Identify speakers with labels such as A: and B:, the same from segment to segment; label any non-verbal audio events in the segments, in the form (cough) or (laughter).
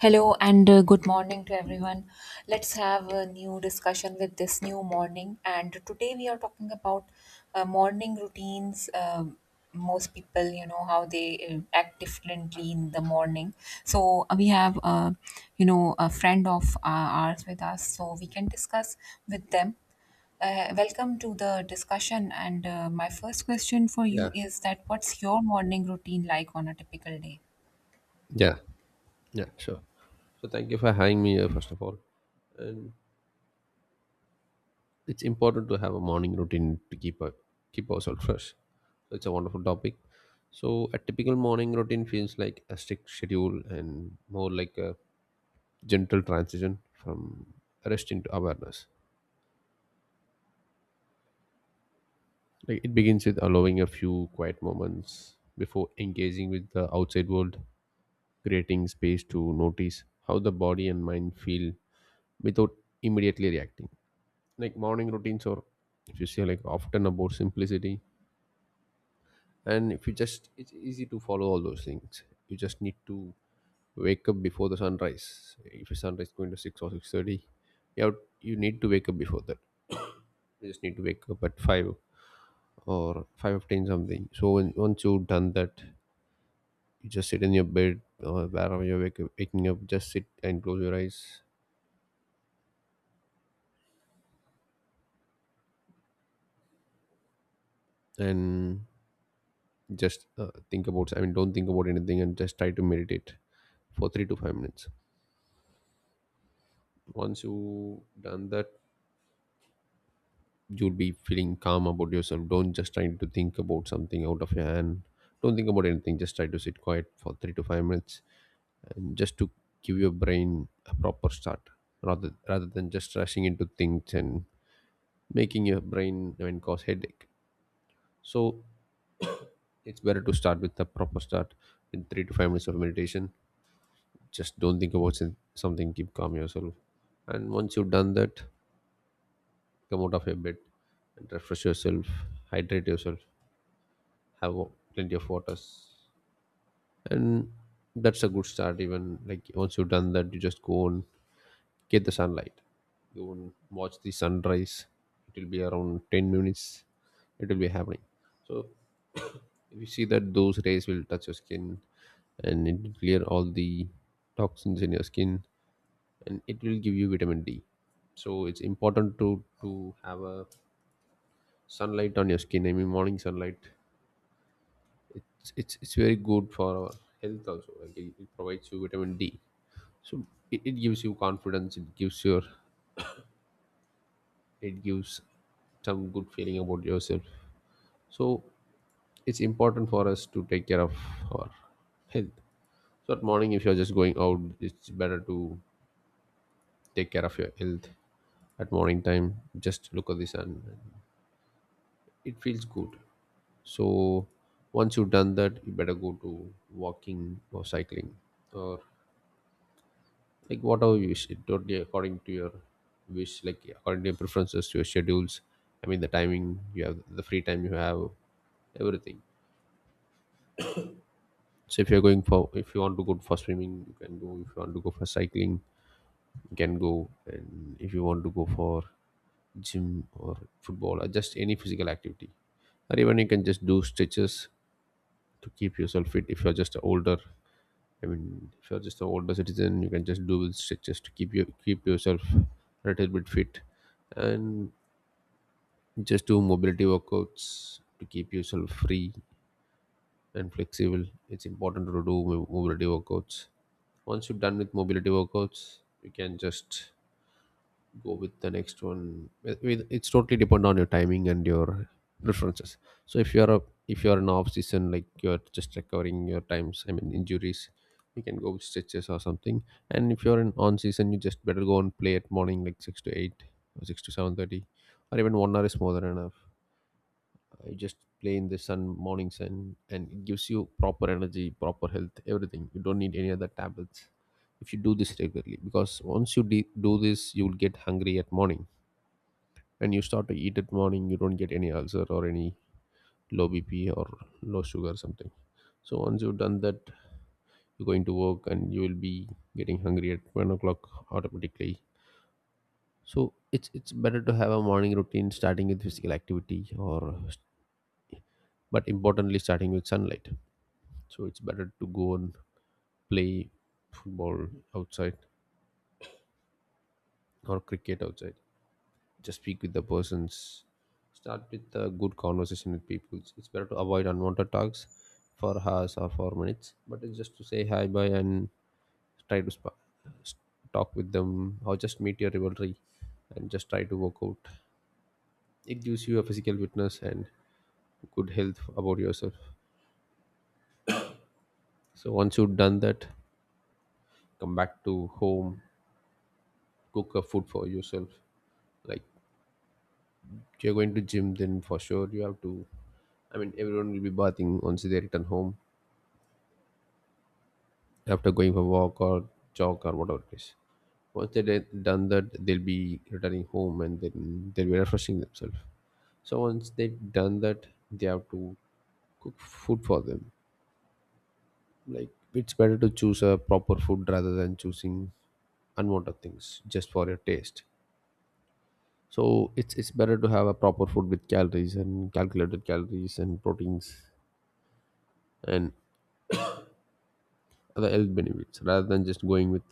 A: Hello and good morning to everyone. Let's have a new discussion with this new morning. And today we are talking about morning routines. Most people, you know, how they act differently in the morning. So we have, you know, a friend of ours with us, so we can discuss with them. Welcome to the discussion. And my first question for
B: Yeah,
A: you is that what's your morning routine like on a typical day?
B: yeah, yeah, sure. So thank you for having me here, first of all. And it's important to have a morning routine to keep ourselves fresh. So it's a wonderful topic. So a typical morning routine feels like a strict schedule and more like a gentle transition from rest into awareness. Like it begins with allowing a few quiet moments before engaging with the outside world, creating space to notice how the body and mind feel without immediately reacting. Like morning routines, or if you say, like, often about simplicity, and if you just, it's easy to follow all those things. You just need to wake up before the sunrise. If the sunrise is going to 6 or 6:30, you have, you need to wake up before that. You just need to wake up at 5 or 5:15 something. So once you've done that, you just sit in your bed or wherever you're waking up, just sit and close your eyes and just think about, I mean, don't think about anything, and just try to meditate for 3 to 5 minutes. Once you done that, you'll be feeling calm about yourself. Don't just try to think about something out of your hand. Don't think about anything, just try to sit quiet for 3 to 5 minutes and just to give your brain a proper start rather than just rushing into things and making your brain, I mean, cause headache. So it's better to start with a proper start with 3 to 5 minutes of meditation. Just don't think about something, keep calm yourself. And once you've done that, come out of your bed and refresh yourself, hydrate yourself, have plenty of waters, and that's a good start. Even like once you've done that, you just go and get the sunlight. Go and watch the sunrise. It will be around 10 minutes. It will be happening. So if you see that, those rays will touch your skin, and it will clear all the toxins in your skin, and it will give you vitamin D. So it's important to have a sunlight on your skin, I mean morning sunlight. It's very good for our health also. It provides you vitamin D. So it gives you confidence, it gives your, it gives some good feeling about yourself. So it's important for us to take care of our health. So at morning, if you're just going out, it's better to take care of your health at morning time. Just look at the sun, it feels good. So once you've done that, you better go to walking or cycling or like whatever you wish. It totally according to your wish, like according to your preferences, your schedules, I mean the timing you have, the free time you have, everything. So if you're going for, if you want to go for swimming, you can go. If you want to go for cycling, you can go. And if you want to go for gym or football or just any physical activity, or even you can just do stretches to keep yourself fit if you're just older. I mean, if you're just an older citizen, you can just do stretches to keep yourself a little bit fit, and just do mobility workouts to keep yourself free and flexible. It's important to do mobility workouts. Once you're done with mobility workouts, you can just go with the next one. It's totally depend on your timing and your preferences. So if you're a, if you're an off season, like you're just recovering your times, I mean injuries, you can go with stretches or something. And if you're in on season, you just better go and play at morning like 6 to 8 or 6 to 7:30, or even 1 hour is more than enough. You just play in the sun, morning sun, and it gives you proper energy, proper health, everything. You don't need any other tablets if you do this regularly, because once you do this, you will get hungry at morning and you start to eat it morning. You don't get any ulcer or any low BP or low sugar or something. So once you've done that, you're going to work and you will be getting hungry at 1 o'clock automatically. So it's better to have a morning routine starting with physical activity, or but importantly starting with sunlight. So it's better to go and play football outside or cricket outside. Just speak with the persons, start with a good conversation with people. Better to avoid unwanted talks for hours or for minutes, but it's just to say hi bye, and try to s- talk with them or just meet your rivalry and just try to work out. It gives you a physical fitness and good health about yourself. So once you've done that, come back to home, cook a food for yourself. Like if you're going to gym, then for sure you have to, I mean, everyone will be bathing once they return home after going for walk or jog or whatever it is. Once they did done that, they'll be returning home and then they'll be refreshing themselves. So once they've done that, they have to cook food for them. Like it's better to choose a proper food rather than choosing unwanted things just for your taste. So it's better to have a proper food with calories and calculated calories and proteins and the health benefits rather than just going with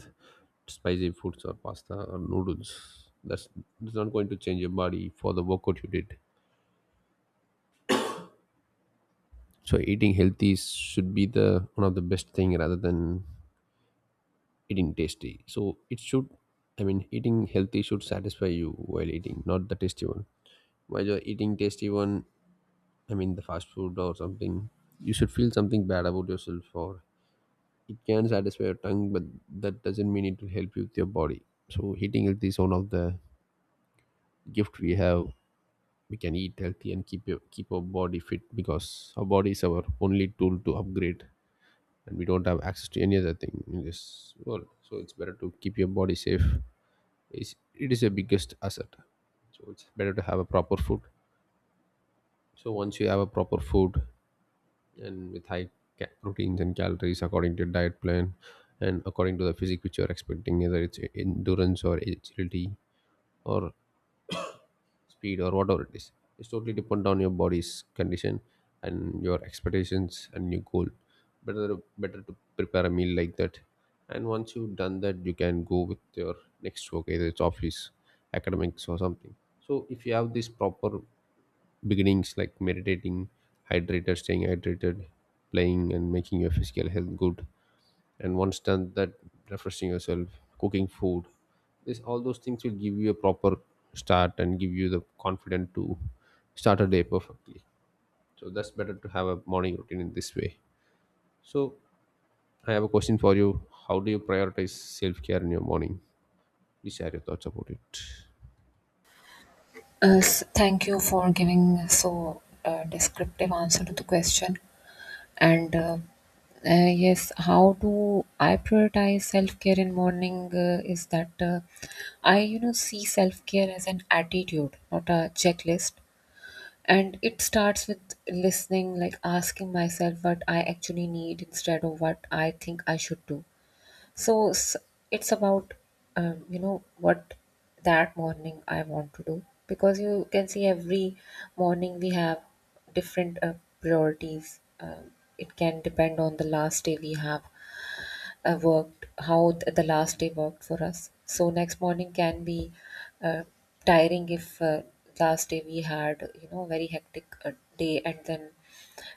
B: spicy foods or pasta or noodles. That's not going to change your body for the workout you did. So eating healthy should be the one of the best thing rather than eating tasty. So it should, I mean, eating healthy should satisfy you while eating, not the tasty one. While you're eating tasty one, I mean the fast food or something, you should feel something bad about yourself, or it can satisfy your tongue, but that doesn't mean it will help you with your body. So eating healthy is one of the gift we have. We can eat healthy and keep our body fit, because our body is our only tool to upgrade, and we don't have access to any other thing in this world. So it's better to keep your body safe. It is your biggest asset. So it's better to have a proper food. So once you have a proper food and with high proteins and calories according to your diet plan and according to the physique which you're expecting, either it's endurance or agility or speed or whatever it is. It's totally depend on your body's condition and your expectations and your goal. Better to prepare a meal like that. And once you've done that, you can go with your next work, either it's office, academics or something. So if you have these proper beginnings like meditating, hydrated staying hydrated, playing and making your physical health good, and once done that, refreshing yourself, cooking food, this all those things will give you a proper start and give you the confidence to start a day perfectly. So that's better to have a morning routine in this way. So I have a question for you. How do you prioritize self-care in your morning? Please share your thoughts about it.
A: Thank you for giving so descriptive answer to the question. And Yes, how do I prioritize self care in morning? Is that I, you know, see self care as an attitude, not a checklist. And it starts with listening, like asking myself what I actually need instead of what I think I should do, so s- it's about, you know, what that morning I want to do. Because you can see every morning we have different priorities. It can depend on the last day we have worked, how the last day worked for us. So next morning can be uh, tiring if last day we had, you know, very hectic day, and then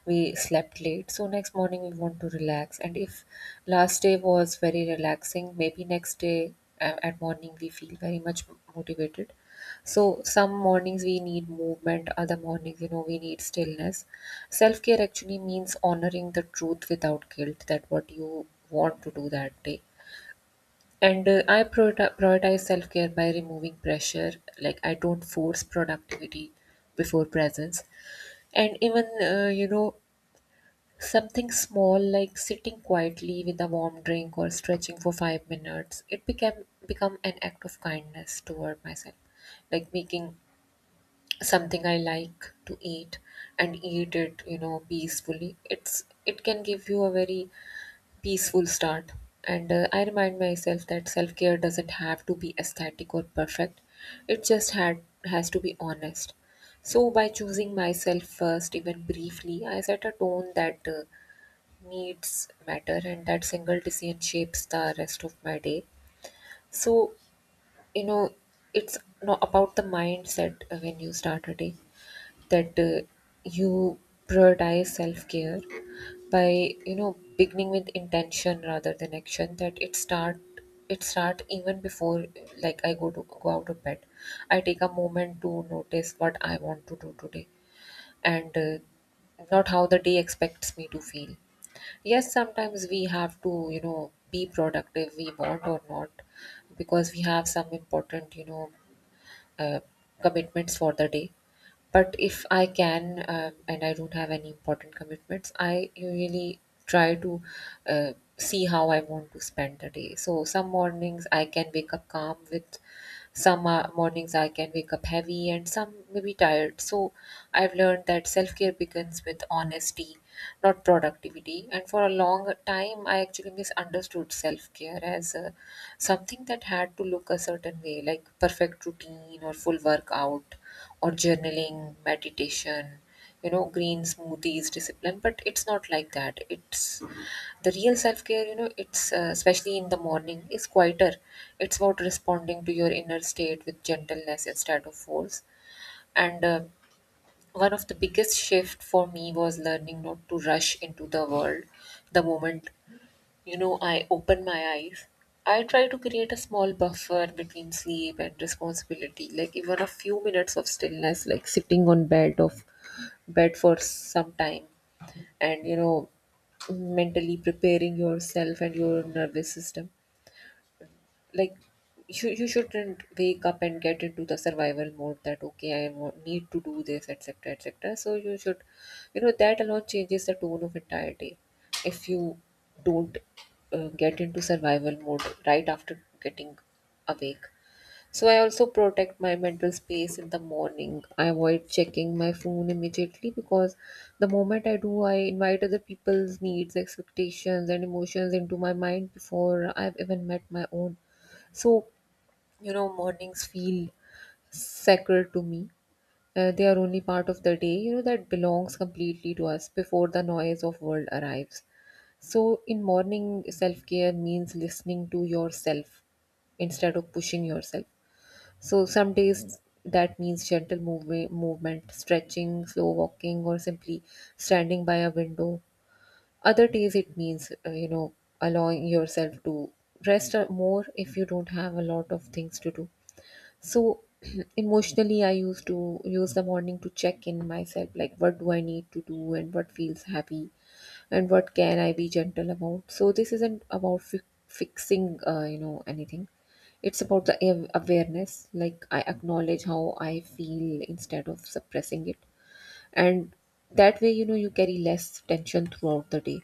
A: we slept late, so next morning we want to relax. And if last day was very relaxing, maybe next day at morning we feel very much motivated. So some mornings we need movement, other mornings, you know, we need stillness. Self care actually means honoring the truth without guilt, that what you want to do that day. And I prioritize self care by removing pressure. Like I don't force productivity before presence. And even you know, something small like sitting quietly with a warm drink or stretching for 5 minutes, it became become an act of kindness toward myself. Like making something I like to eat and eat it, you know, peacefully. It's, it can give you a very peaceful start. And I remind myself that self care doesn't have to be aesthetic or perfect. It just had has to be honest. So, by choosing myself first, even briefly, I set a tone that needs matter, and that single decision shapes the rest of my day. So, you know, it's not about the mindset when you start a day, that you prioritize self-care by, you know, beginning with intention rather than action. That it start even before, like I go to go out of bed, I take a moment to notice what I want to do today, and not how the day expects me to feel. Yes, sometimes we have to, you know, be productive, we want or not, because we have some important, you know, uh, commitments for the day. But if I can and I don't have any important commitments, I usually try to see how I want to spend the day. So some mornings I can wake up calm, with some mornings I can wake up heavy, and some maybe tired. So I've learned that self-care begins with honesty, not productivity. And for a long time, I actually misunderstood self-care as something that had to look a certain way, like perfect routine or full workout, or journaling, meditation, you know, green smoothies, discipline. But it's not like that. It's, the real self care, you know, it's especially in the morning, is quieter. It's about responding to your inner state with gentleness instead of force. And one of the biggest shift for me was learning not to rush into the world the moment, you know, I open my eyes. I try to create a small buffer between sleep and responsibility, like even a few minutes of stillness, like sitting on bed for some time, and, you know, mentally preparing yourself and your nervous system. Like you shouldn't wake up and get into the survival mode, that okay, need to do this, etc., etc. So you should, you know, that alone changes the tone of entire day, if you don't get into survival mode right after getting awake. So I also protect my mental space in the morning. I avoid checking my phone immediately, because the moment I do, I invite other people's needs, expectations, and emotions into my mind before I've even met my own. So, you know, mornings feel sacred to me. They are only part of the day, you know, that belongs completely to us before the noise of world arrives. So, in morning, self-care means listening to yourself instead of pushing yourself. So, some days that means gentle movement, stretching, slow walking, or simply standing by a window. Other days, it means, you know, allowing yourself to rest more if you don't have a lot of things to do. So (clears throat) emotionally, I used to use the morning to check in myself, like what do I need to do, and what feels happy, and what can I be gentle about. So this isn't about fixing, you know, anything. It's about the awareness. Like I acknowledge how I feel instead of suppressing it, and that way, you know, you carry less tension throughout the day.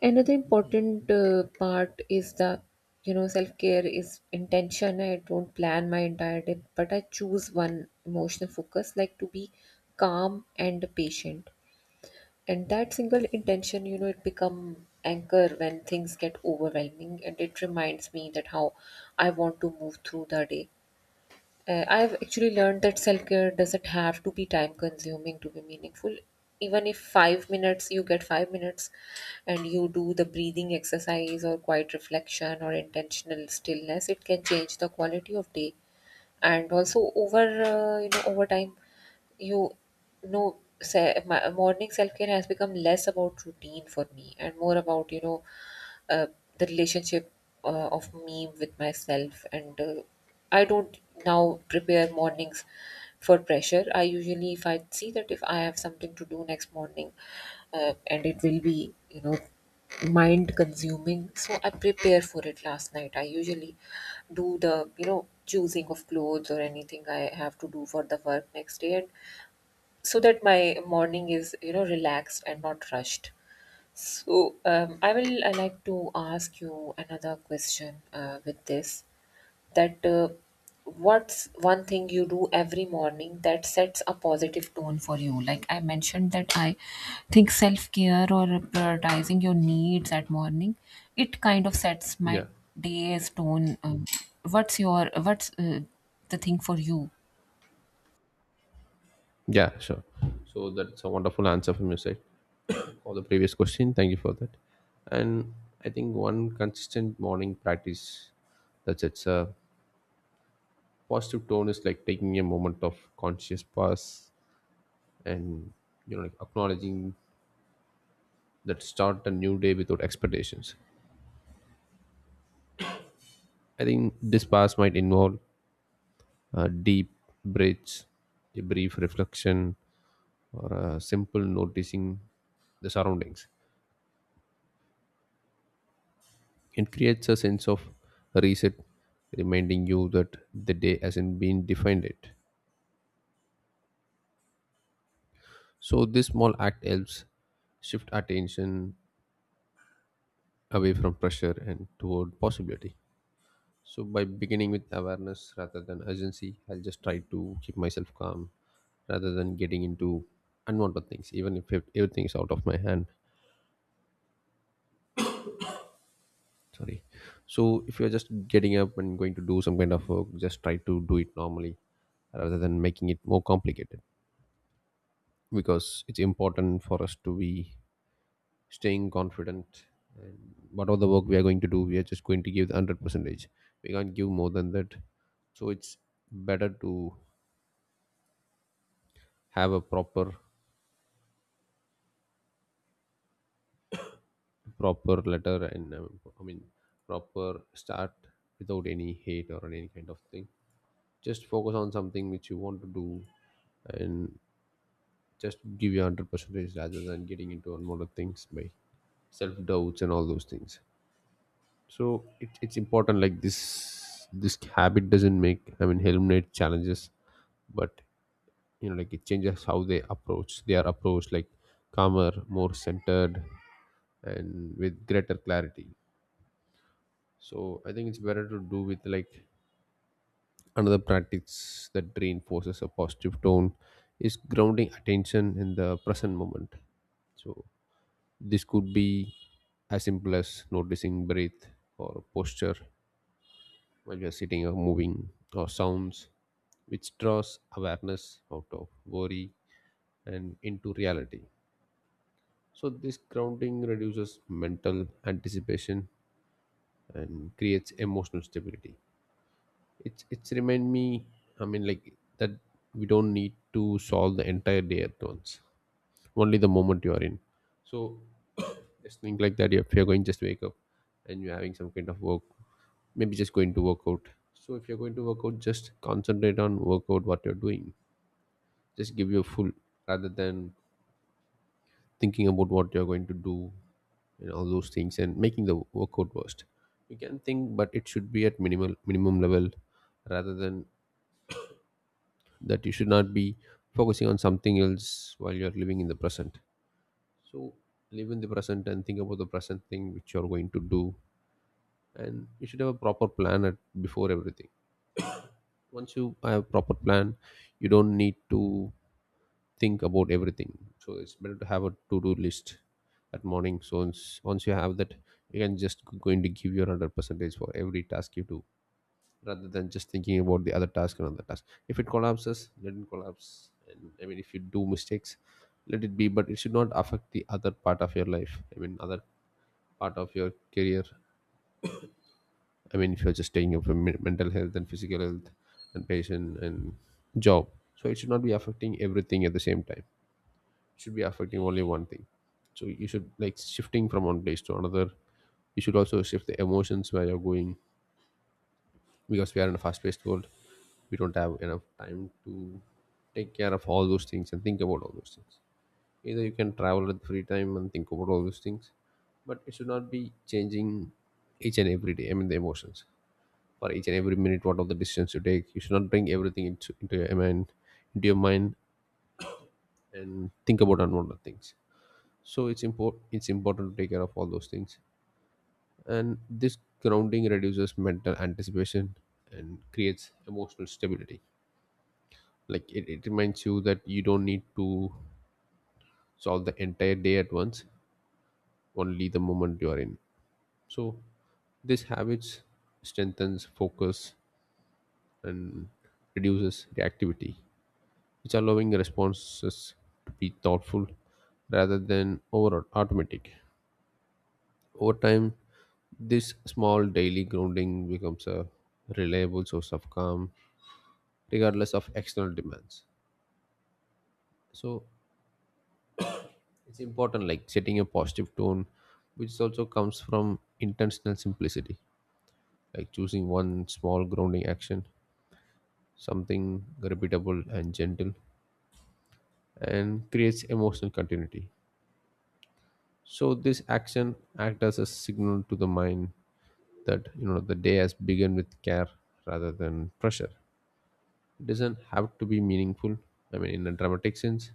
A: Another important part is the, you know, self care is intention. I don't plan my entire day, but I choose one emotional focus, like to be calm and patient. And that single intention, you know, it become anchor when things get overwhelming, and it reminds me that how I want to move through the day. I've actually learned that self care doesn't have to be time consuming to be meaningful. Even if 5 minutes, you get 5 minutes and you do the breathing exercise or quiet reflection or intentional stillness, it can change the quality of day. And also, over you know, over time, you know, morning self care has become less about routine for me and more about, you know, uh, the relationship of me with myself. And I don't now prepare mornings for pressure. I usually, if I see that if I have something to do next morning, and it will be, you know, mind consuming, so I prepare for it last night. I usually do the, you know, choosing of clothes or anything I have to do for the work next day, and so that my morning is, you know, relaxed and not rushed. So, I will, I like to ask you another question with this, that what's one thing you do every morning that sets a positive tone for you? Like I mentioned that I think self-care or prioritizing your needs at morning, it kind of sets my
B: yeah
A: day's tone. What's your, what's the thing for you?
B: yeah sure. So that's a wonderful answer from your side for the previous question, thank you for that. And I think one consistent morning practice that's it's a positive tone is like taking a moment of conscious pause, and you know, like acknowledging that, start a new day without expectations. I think this pause might involve deep breaths, a brief reflection, or a simple noticing the surroundings. It creates a sense of reset, reminding you that the day hasn't been defined yet. So this small act helps shift attention away from pressure and toward possibility. So by beginning with awareness rather than urgency, I'll just try to keep myself calm rather than getting into unwanted things, even if everything is out of my hand. Sorry. So if you're just getting up and going to do some kind of work, just try to do it normally rather than making it more complicated, because it's important for us to be staying confident. Whatever the work we are going to do, we are just going to give the 100 percentage. We can't give more than that. So it's better to have a proper proper letter and I mean proper start without any hate or any kind of thing. Just focus on something which you want to do, and just give your 100%. Rather than getting into a lot of things by self-doubts and all those things. So it's important like this habit doesn't make, I mean eliminate challenges, but you know, like it changes how they approach. They are approached like calmer, more centered, and with greater clarity. So I think it's better to do with like another practice that reinforces a positive tone is grounding attention in the present moment. So this could be as simple as noticing breath or posture while you're sitting or moving, or sounds, which draws awareness out of worry and into reality. So this grounding reduces mental anticipation and creates emotional stability. It's remind me, I mean, like that we don't need to solve the entire day at once, only the moment you are in. So just think like that. If you're going, just wake up and you're having some kind of work, maybe just going to work out. So if you're going to work out, just concentrate on work out what you're doing. Just give your full, rather than thinking about what you're going to do and all those things and making the workout worst. You can think, but it should be at minimal minimum level, rather than that. You should not be focusing on something else while you're living in the present. So live in the present and think about the present thing which you're going to do. And you should have a proper plan at, before everything. Once you have a proper plan, you don't need to think about everything. So it's better to have a to-do list at morning. So once you have that, you can just go into give your 100 percentage for every task you do, rather than just thinking about the other task and other task. If it collapses, let it collapse. And I mean, if you do mistakes, let it be, but it should not affect the other part of your life. I mean, other part of your career. I mean, if you're just taking up for mental health and physical health and patient and job, so it should not be affecting everything at the same time. It should be affecting only one thing. So you should like shifting from one place to another. You should also shift the emotions where you're going, because we are in a fast-paced world. We don't have enough time to take care of all those things and think about all those things. Either you can travel at free time and think about all those things, but it should not be changing each and every day, I mean the emotions, for each and every minute. What are the decisions you take, you should not bring everything into your mind and think about unwanted things. So it's important to take care of all those things. And this grounding reduces mental anticipation and creates emotional stability, like it reminds you that you don't need to solve the entire day at once, only the moment you are in. So this habits strengthens focus and reduces reactivity, which allowing responses to be thoughtful rather than over automatic. Over time, this small daily grounding becomes a reliable source of calm regardless of external demands. So it's important, like setting a positive tone, which also comes from intentional simplicity, like choosing one small grounding action, something repeatable and gentle, and creates emotional continuity. So this action acts as a signal to the mind that you know the day has begun with care rather than pressure. It doesn't have to be meaningful, I mean, in a dramatic sense.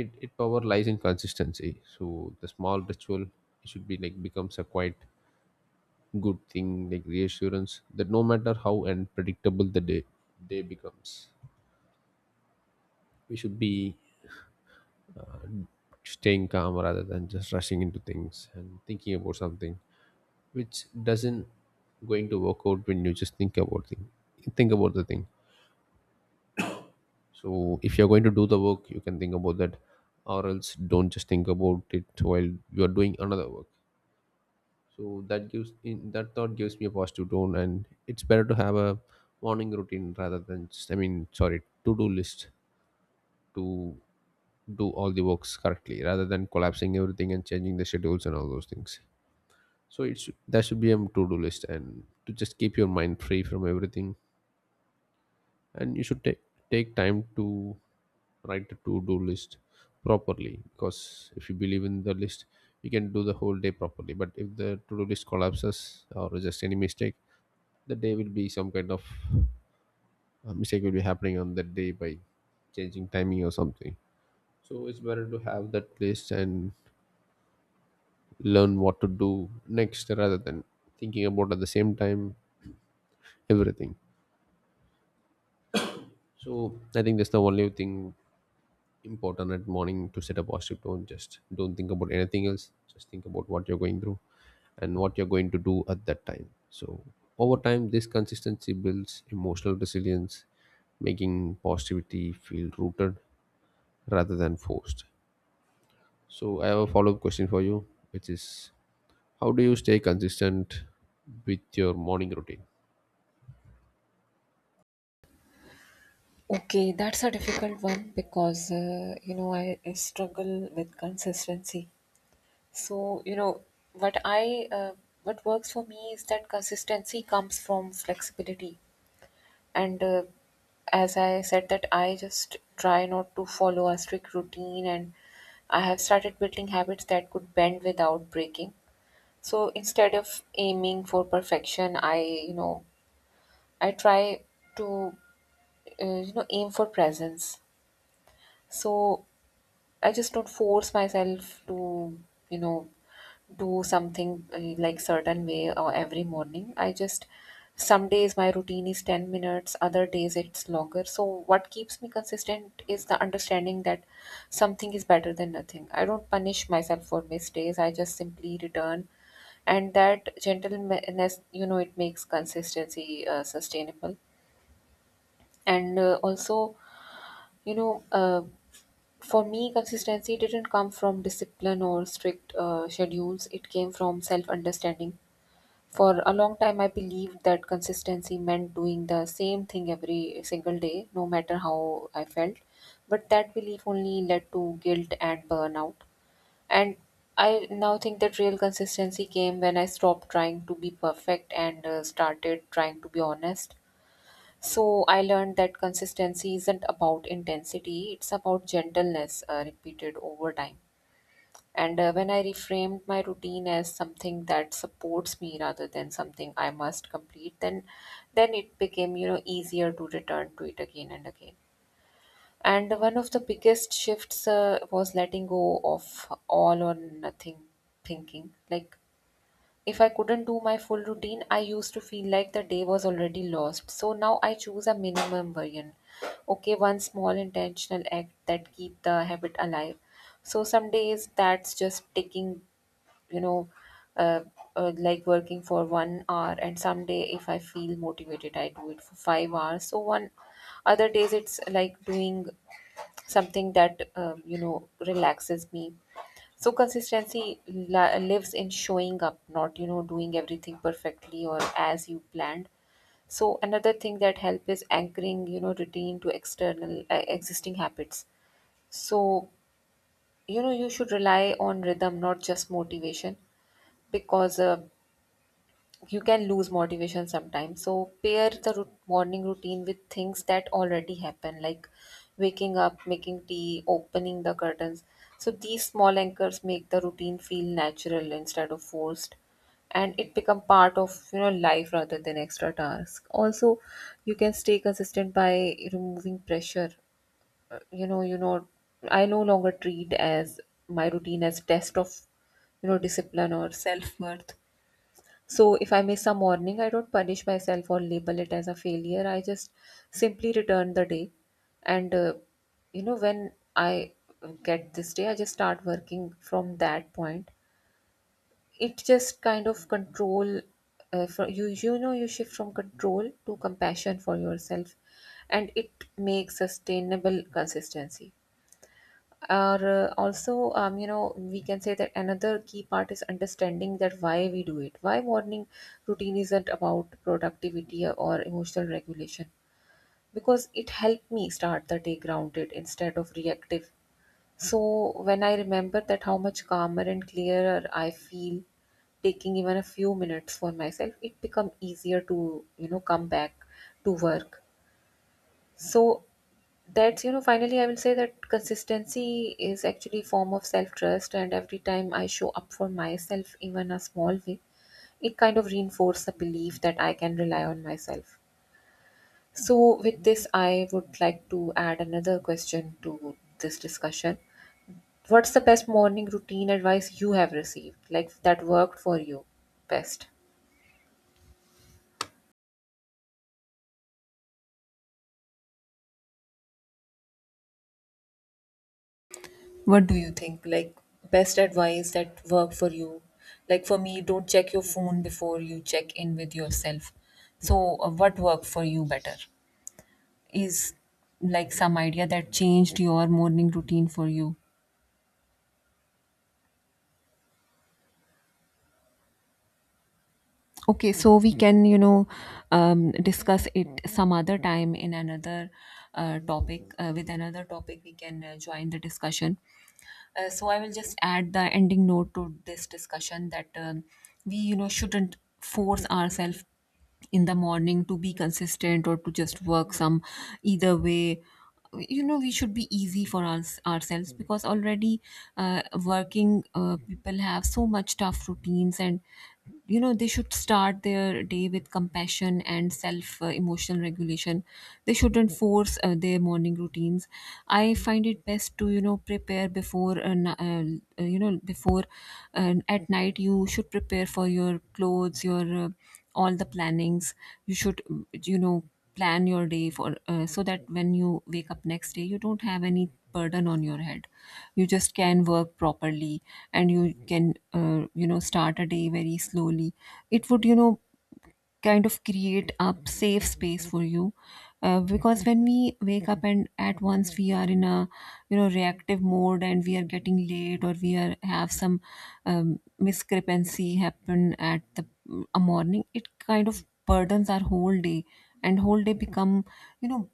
B: It power lies in consistency. So the small ritual should be like becomes a quiet good thing, like reassurance that no matter how unpredictable the day becomes, we should be staying calm rather than just rushing into things and thinking about something which doesn't going to work out. When you just think about thing, think about the thing. So if you're going to do the work, you can think about that, or else don't just think about it while you are doing another work. So that gives in that thought gives me a positive tone. And it's better to have a morning routine rather than just, I mean sorry to-do list to do all the works correctly rather than collapsing everything and changing the schedules and all those things. So it's that should be a to-do list and to just keep your mind free from everything. And you should take time to write the to-do list properly, because if you believe in the list, you can do the whole day properly. But if the to-do list collapses or just any mistake, the day will be some kind of mistake will be happening on that day by changing timing or something. So it's better to have that list and learn what to do next rather than thinking about at the same time everything. So I think that's the only thing important at morning to set a positive tone. Just don't think about anything else, just think about what you're going through and what you're going to do at that time. So over time this consistency builds emotional resilience, making positivity feel rooted rather than forced. So I have a follow up question for you, which is how do you stay consistent with your morning routine?
A: Okay, that's a difficult one, because you know, I struggle with consistency. So, you know, what I what works for me is that consistency comes from flexibility. And as I said, that I just try not to follow a strict routine, and I have started building habits that could bend without breaking. So instead of aiming for perfection, you know, I try to, you know, aim for presence. So I just don't force myself to, you know, do something like certain way or every morning. I just, some days my routine is 10 minutes, other days it's longer. So what keeps me consistent is the understanding that something is better than nothing. I don't punish myself for mistakes, I just simply return, and that gentleness, you know, it makes consistency sustainable. And also, you know, for me consistency didn't come from discipline or strict schedules, it came from self understanding. For a long time, I believed that consistency meant doing the same thing every single day, no matter how I felt. But that belief only led to guilt and burnout. And I now think that real consistency came when I stopped trying to be perfect and started trying to be honest. So I learned that consistency isn't about intensity, it's about gentleness repeated over time. And when I reframed my routine as something that supports me rather than something I must complete, then it became, you know, easier to return to it again and again. And one of the biggest shifts was letting go of all or nothing thinking. Like if I couldn't do my full routine, I used to feel like the day was already lost. So now I choose a minimum version. Okay, one small intentional act that keep the habit alive. So some days that's just taking you know uh, like working for 1 hour, and someday if I feel motivated I do it for 5 hours. So one other days it's like doing something that relaxes me. So consistency lives in showing up, not doing everything perfectly or as you planned. So another thing that help is anchoring routine to external existing habits. So you should rely on rhythm, not just motivation, because you can lose motivation sometimes. So pair the morning routine with things that already happen, like waking up, making tea, opening the curtains. So these small anchors make the routine feel natural instead of forced, and it become part of life rather than extra task. Also, you can stay consistent by removing pressure. Uh, you know you know I no longer treat as my routine as test of discipline or self-worth. So if I miss a morning, I don't punish myself or label it as a failure. I just simply return the day. And, uh, when I get this day, I just start working from that point. It just kind of control. For you you know you shift from control to compassion for yourself, and it makes sustainable consistency. Or we can say that another key part is understanding that why we do it. Why morning routine isn't about productivity or emotional regulation? Because it helped me start the day grounded instead of reactive. So when I remember that how much calmer and clearer I feel taking even a few minutes for myself, it become easier to come back to work. So that's, finally, I will say that consistency is actually a form of self trust, and every time I show up for myself even a small way, it kind of reinforces the belief that I can rely on myself. So with this, I would like to add another question to this discussion. What's the best morning routine advice you have received, like, that worked for you best? What do you think? Like, best advice that worked for you? Like, for me, don't check your phone before you check in with yourself. So, what worked for you better? Is like some idea that changed your morning routine for you? Okay, so we can, discuss it some other time in another topic. With another topic, we can join the discussion. So I will just add the ending note to this discussion that we, shouldn't force ourselves in the morning to be consistent or to just work some either way. You know, we should be easy for us ourselves, because already working people have so much tough routines, and they should start their day with compassion and self emotional regulation. They shouldn't force their morning routines. I find it best to prepare before before, at night, you should prepare for your clothes, your all the plannings. You should plan your day for, so that when you wake up next day, you don't have any burden on your head. You just can work properly, and you can start a day very slowly. It would kind of create a safe space for you, because when we wake up and at once we are in a reactive mode, and we are getting late or we are have some discrepancy happen at the a morning, it kind of burdens our whole day, and whole day become you know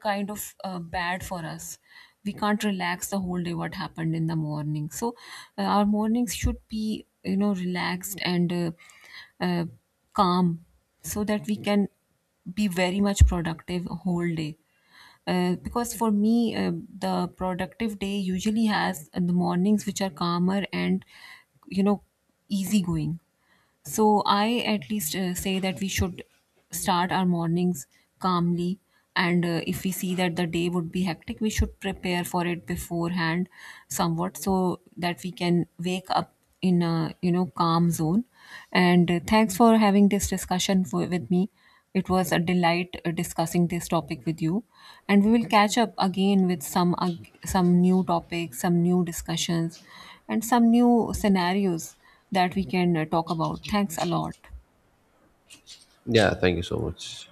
A: kind of bad for us. We can't relax the whole day what happened in the morning. So our mornings should be, relaxed and uh, calm, so that we can be very much productive whole day. Because for me, the productive day usually has the mornings which are calmer and, you know, easygoing. So I at least say that we should start our mornings calmly. And if we see that the day would be hectic, we should prepare for it beforehand somewhat, so that we can wake up in a calm zone. And thanks for having this discussion with me. It was a delight discussing this topic with you, and we will catch up again with some some new topics, some new discussions, and some new scenarios that we can talk about. Thanks a lot.
B: Yeah, thank you so much.